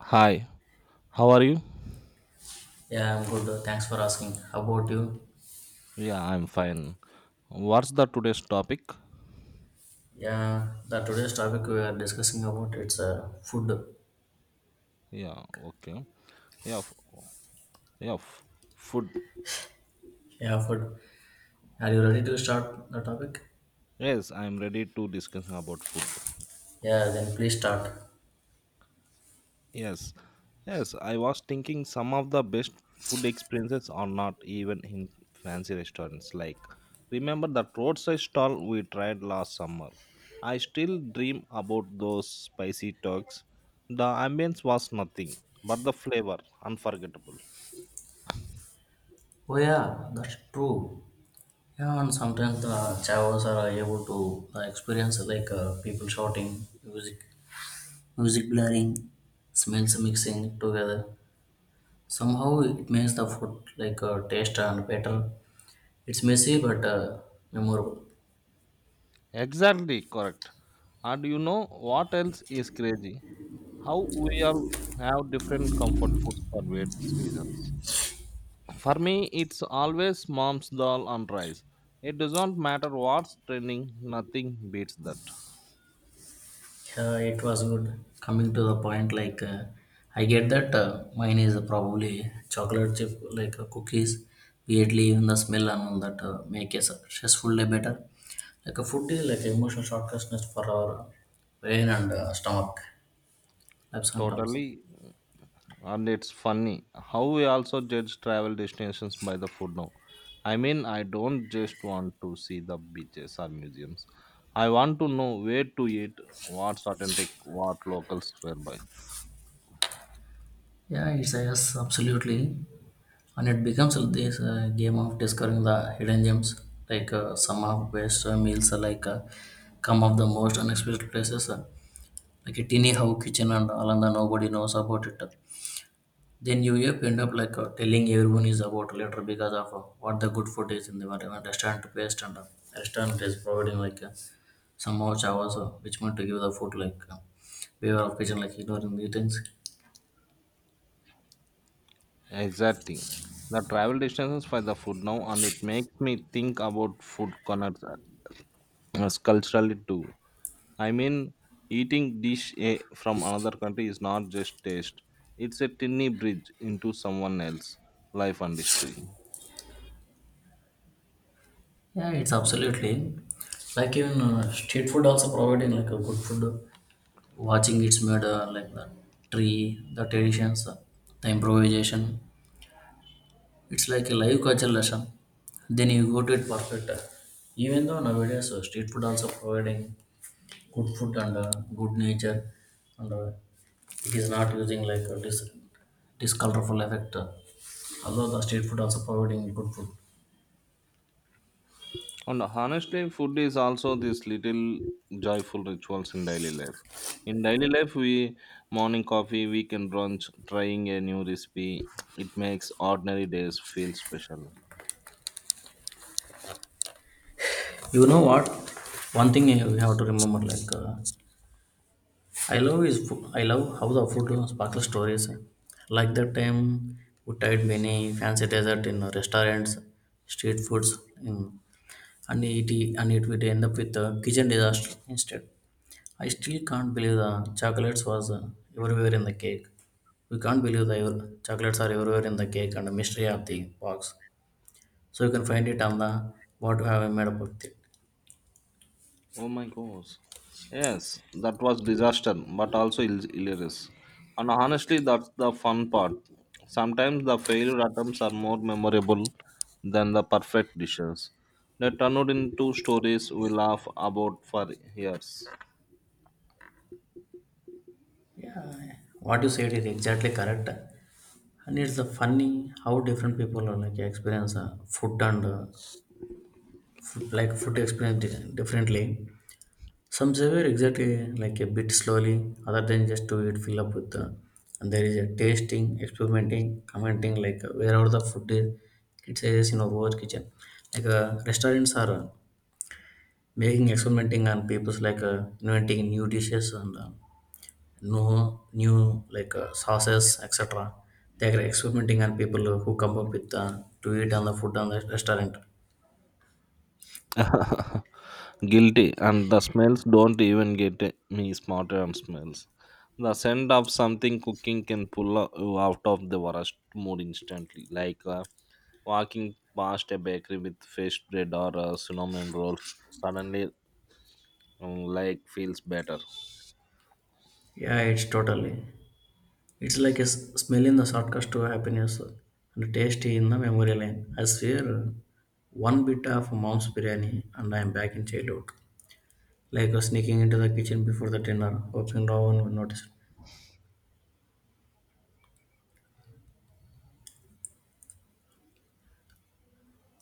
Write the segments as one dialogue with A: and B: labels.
A: Hi, how are you?
B: Yeah, I'm good. Thanks for asking. How about you?
A: Yeah, I'm fine. What's the today's topic?
B: Yeah, the today's topic we are discussing about it's food.
A: Yeah, okay. Yeah, yeah, f- food.
B: Yeah, food. Are you ready to start the topic?
A: Yes, I'm ready to discuss about food.
B: Yeah, then please start.
A: Yes, yes. I was thinking some of the best food experiences are not even in fancy restaurants. Like, remember that roadside stall we tried last summer? I still dream about those spicy turks. The ambience was nothing, but the flavor unforgettable.
B: Oh yeah, that's true. Yeah, and sometimes the chavos are able to experience like people shouting, music blaring, smells mixing together. Somehow it makes the food like taste and better. It's messy but memorable.
A: Exactly correct. And you know what else is crazy? How we all have different comfort foods for various reasons. For me, it's always mom's dal and rice. It doesn't matter what's trending, nothing beats that.
B: It was good. Coming to the point, like I get that mine is probably chocolate chip, like cookies. Weirdly, even the smell and all that make a stressful day better. Like a food is like emotional shortcutness for our brain and stomach. Like sometimes.
A: Totally. And it's funny how we also judge travel destinations by the food now. I mean, I don't just want to see the beaches or museums. I want to know where to eat, what's authentic, what locals were by.
B: Yeah, it's a yes, absolutely. And it becomes like this game of discovering the hidden gems. Like some of best meals are like come of the most unexpected places. Like a tiny how kitchen and all, and nobody knows about it, then you end up like telling everyone is about later because of what the good food is in the whatever restaurant based, and restaurant is providing like some more chavas which want to give the food like waiver of kitchen like ignoring the things.
A: Exactly. The travel destinations for the food now, and it makes me think about food corners as culturally too. I mean, eating dish from another country is not just taste; it's a tiny bridge into someone else's life and history.
B: Yeah, it's absolutely like even street food also providing like a good food, watching it's made like the tree the traditions the improvisation. It's like a live culture lesson. Then you go to it perfect. Even though nowadays street food also providing good food and good nature, and it is not using like this colorful effect. Although the street food also providing good food.
A: And honestly, food is also these little joyful rituals in daily life. In daily life, we morning coffee, weekend brunch, trying a new recipe. It makes ordinary days feel special.
B: You know what? One thing you have to remember like I love is food. I love how the food sparkles stories. Like that time we tried many fancy dessert in restaurants, street foods in and eat it, and it would end up with a kitchen disaster instead. I still can't believe the chocolates was everywhere in the cake. We can't believe the chocolates are everywhere in the cake and the mystery of the box. So you can find it on the what you have made up with it.
A: Oh my gosh. Yes, that was disaster, but also hilarious. And honestly, that's the fun part. Sometimes the failure attempts are more memorable than the perfect dishes. They turn out into stories we laugh about for years.
B: Yeah, what you said is exactly correct. And it's the funny how different people are like experience food and food, like food experience differently. Some serve exactly like a bit slowly, other than just to eat fill up with the, and there is a tasting, experimenting, commenting like wherever the food is, it says in our own kitchen. Like restaurants are making experimenting on people's like inventing new dishes and new like sauces etc. They are experimenting on people who come up with to eat on the food on the restaurant.
A: Guilty, and the smells don't even get me smarter on smells. The scent of something cooking can pull you out of the worst mood instantly, like walking past a bakery with fresh bread or cinnamon rolls. Suddenly, like feels better.
B: Yeah, it's totally. It's like a smell in the shortcut to happiness and tasty in the memory lane. I swear, one bit of mom's biryani and I am back in childhood. Like sneaking into the kitchen before the dinner, hoping no one will notice.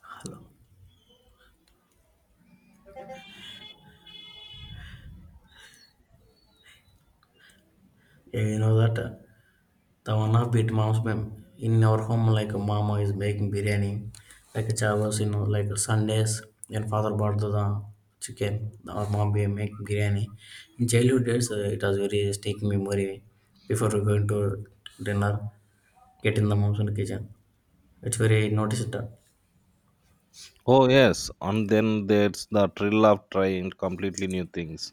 B: Hello. Yeah, you know that. The one of bit mom's mem in our home like a mama is making biryani like a chavas, you know, like a Sundays, and father bought the chicken, our mom be make biryani in childhood days. It was very sticking memory before we going to dinner, getting the mom's in the kitchen. It's very noticed that.
A: Oh yes, and then there's the thrill of trying completely new things.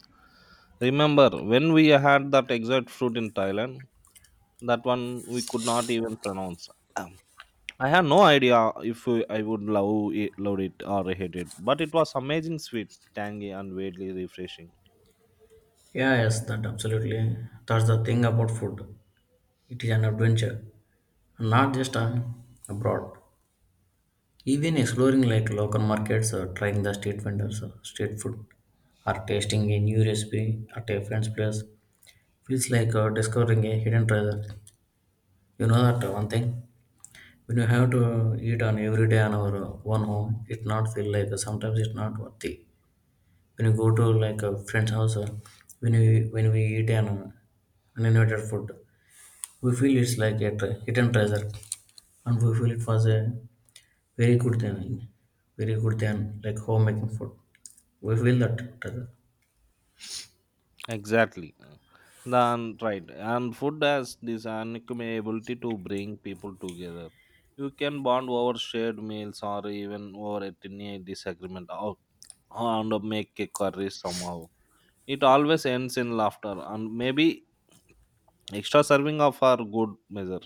A: Remember when we had that exact fruit in Thailand? That one we could not even pronounce. Um, I have no idea if I would love it or hate it, but it was amazing, sweet, tangy, and weirdly refreshing.
B: Yeah, yes, that absolutely, that's the thing about food. It is an adventure, not just an abroad. Even exploring like local markets or trying the street vendors or street food or tasting a new recipe at a friend's place feels like discovering a hidden treasure. You know that one thing, when you have to eat on every day on our own home, it not feel like sometimes it's not worth it. When you go to like a friend's house, when we eat an uninvited food, we feel it's like a hidden treasure, and we feel it was a very good thing, very good thing, like homemaking food. We feel that together.
A: Exactly. Then right, and food has this uncommon ability to bring people together. You can bond over shared meals or even over a tiny disagreement, or and make a curry somehow. It always ends in laughter and maybe extra serving of our good measure.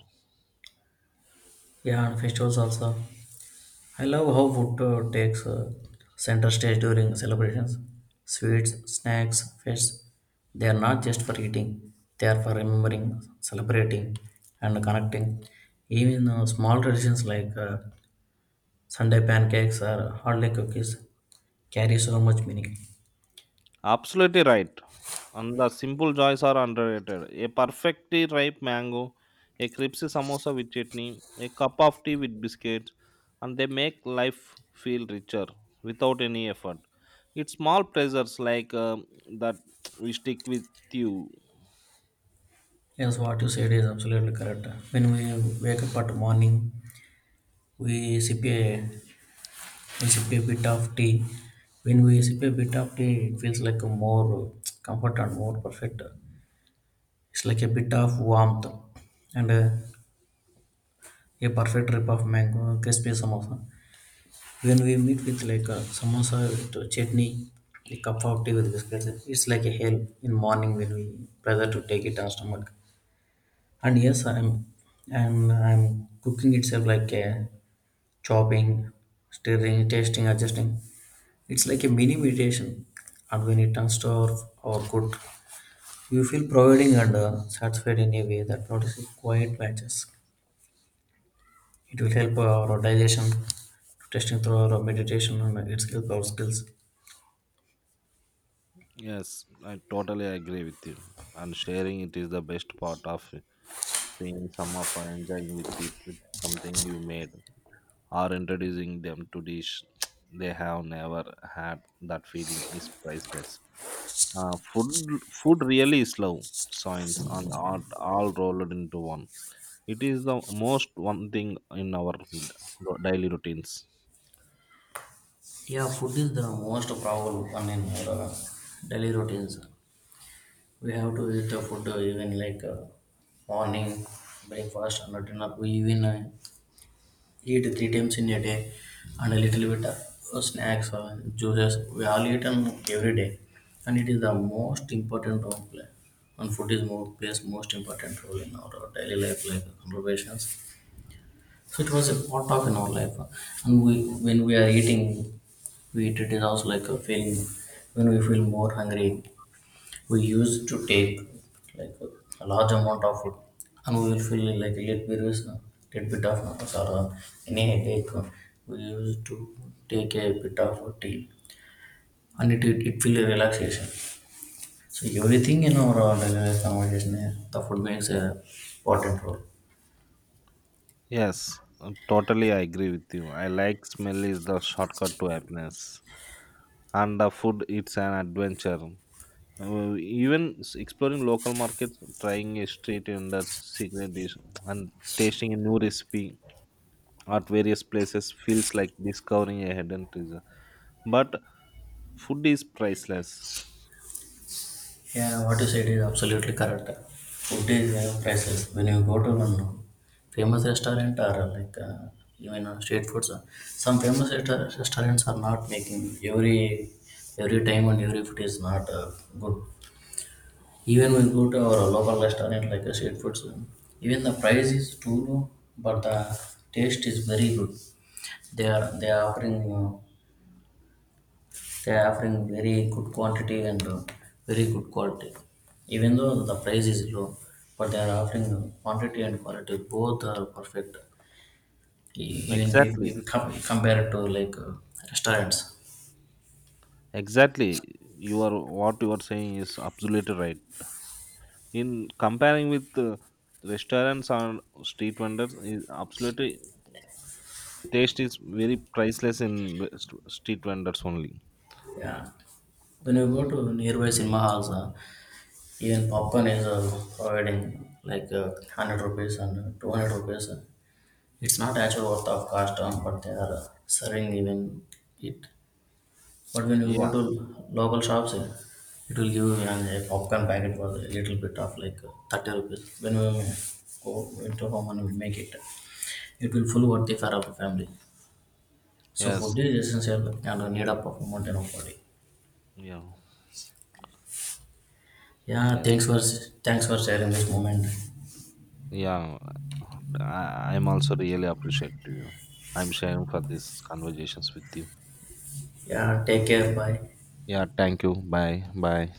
B: Yeah, and festivals also. I love how food takes center stage during celebrations. Sweets, snacks, fests, they are not just for eating, they are for remembering, celebrating, and connecting. Even small traditions like Sunday pancakes or holiday cookies carry so much meaning.
A: Absolutely right. And the simple joys are underrated. A perfectly ripe mango, a crispy samosa with chutney, a cup of tea with biscuits, and they make life feel richer without any effort. It's small pleasures like that we stick with you.
B: Yes, what you said is absolutely correct. When we wake up at morning, we sip a we sip a bit of tea. When we sip a bit of tea, it feels like a more comfort and more perfect. It's like a bit of warmth and a perfect rip of mango crispy samosa. When we meet with like a samosa with chutney, a cup of tea with biscuits, it's like a hell in morning when we pressure to take it on stomach. And yes, I'm cooking itself like a chopping, stirring, tasting, adjusting. It's like a mini meditation, and when it turns to our good, you feel providing and satisfied in a way that notices quiet matches. It will help our digestion, testing through our meditation, and it's help our skills.
A: Yes, I totally agree with you. And sharing it is the best part of seeing some of enjoying with it with something you made, or introducing them to dish they have never had. That feeling is priceless. Uh, food food really is love, science and art all rolled into one. It is the most one thing in our daily routines.
B: Yeah, food is the most powerful one in our daily routines. We have to eat the food even like morning, breakfast, and dinner. We even eat three times in a day, and a little bit of snacks or juices we all eat them every day, and it is the most important role play, and food is more plays most important role in our daily life like conversations. So it was a part of in our life. And we, when we are eating, we eat, it is also like a feeling. When we feel more hungry, we used to take like a large amount of food, and we will feel like a little bit of nervous or any headache. We used to take a bit of a tea, and it feel a relaxation. So everything in our daily life conversation, the food makes a important role.
A: Yes, totally I agree with you. I like smell is the shortcut to happiness and the food, it's an adventure. Uh, Exploring local markets, trying a street vendor's secret dish and tasting a new recipe at various places feels like discovering a hidden treasure. But food is priceless.
B: Yeah, what you said is absolutely correct. Food is priceless. When you go to one famous restaurant or like even street foods, some famous restaurants are not making every time, and every food is not good. Even we go to our local restaurant like street foods, even the price is too low, but the taste is very good. They are offering. They're offering very good quantity and very good quality. Even though the price is low, but they are offering quantity and quality. Both are perfect. Even if
A: Exactly.
B: you compare it to like restaurants.
A: Exactly. You are what you are saying is absolutely right. In comparing with restaurants or street vendors, is absolutely taste is very priceless in street vendors only.
B: Yeah. When you go to nearby cinema halls, even popcorn is providing like 100 rupees and 200 rupees. It's not actually worth of cost, but they are serving even it. But when you go
A: Yeah.
B: to local shops, it will give you a popcorn packet for a little bit of like 30 rupees. When we go into home and we make it, it will full worth the fare of the family. So
A: Yes.
B: food is essential and a need up of modern body.
A: Yeah.
B: Yeah,
A: Yes.
B: thanks for sharing this moment.
A: Yeah. I'm also really appreciative. I'm sharing for these conversations with you.
B: Yeah, take care. Bye.
A: Yeah, thank you. Bye. Bye.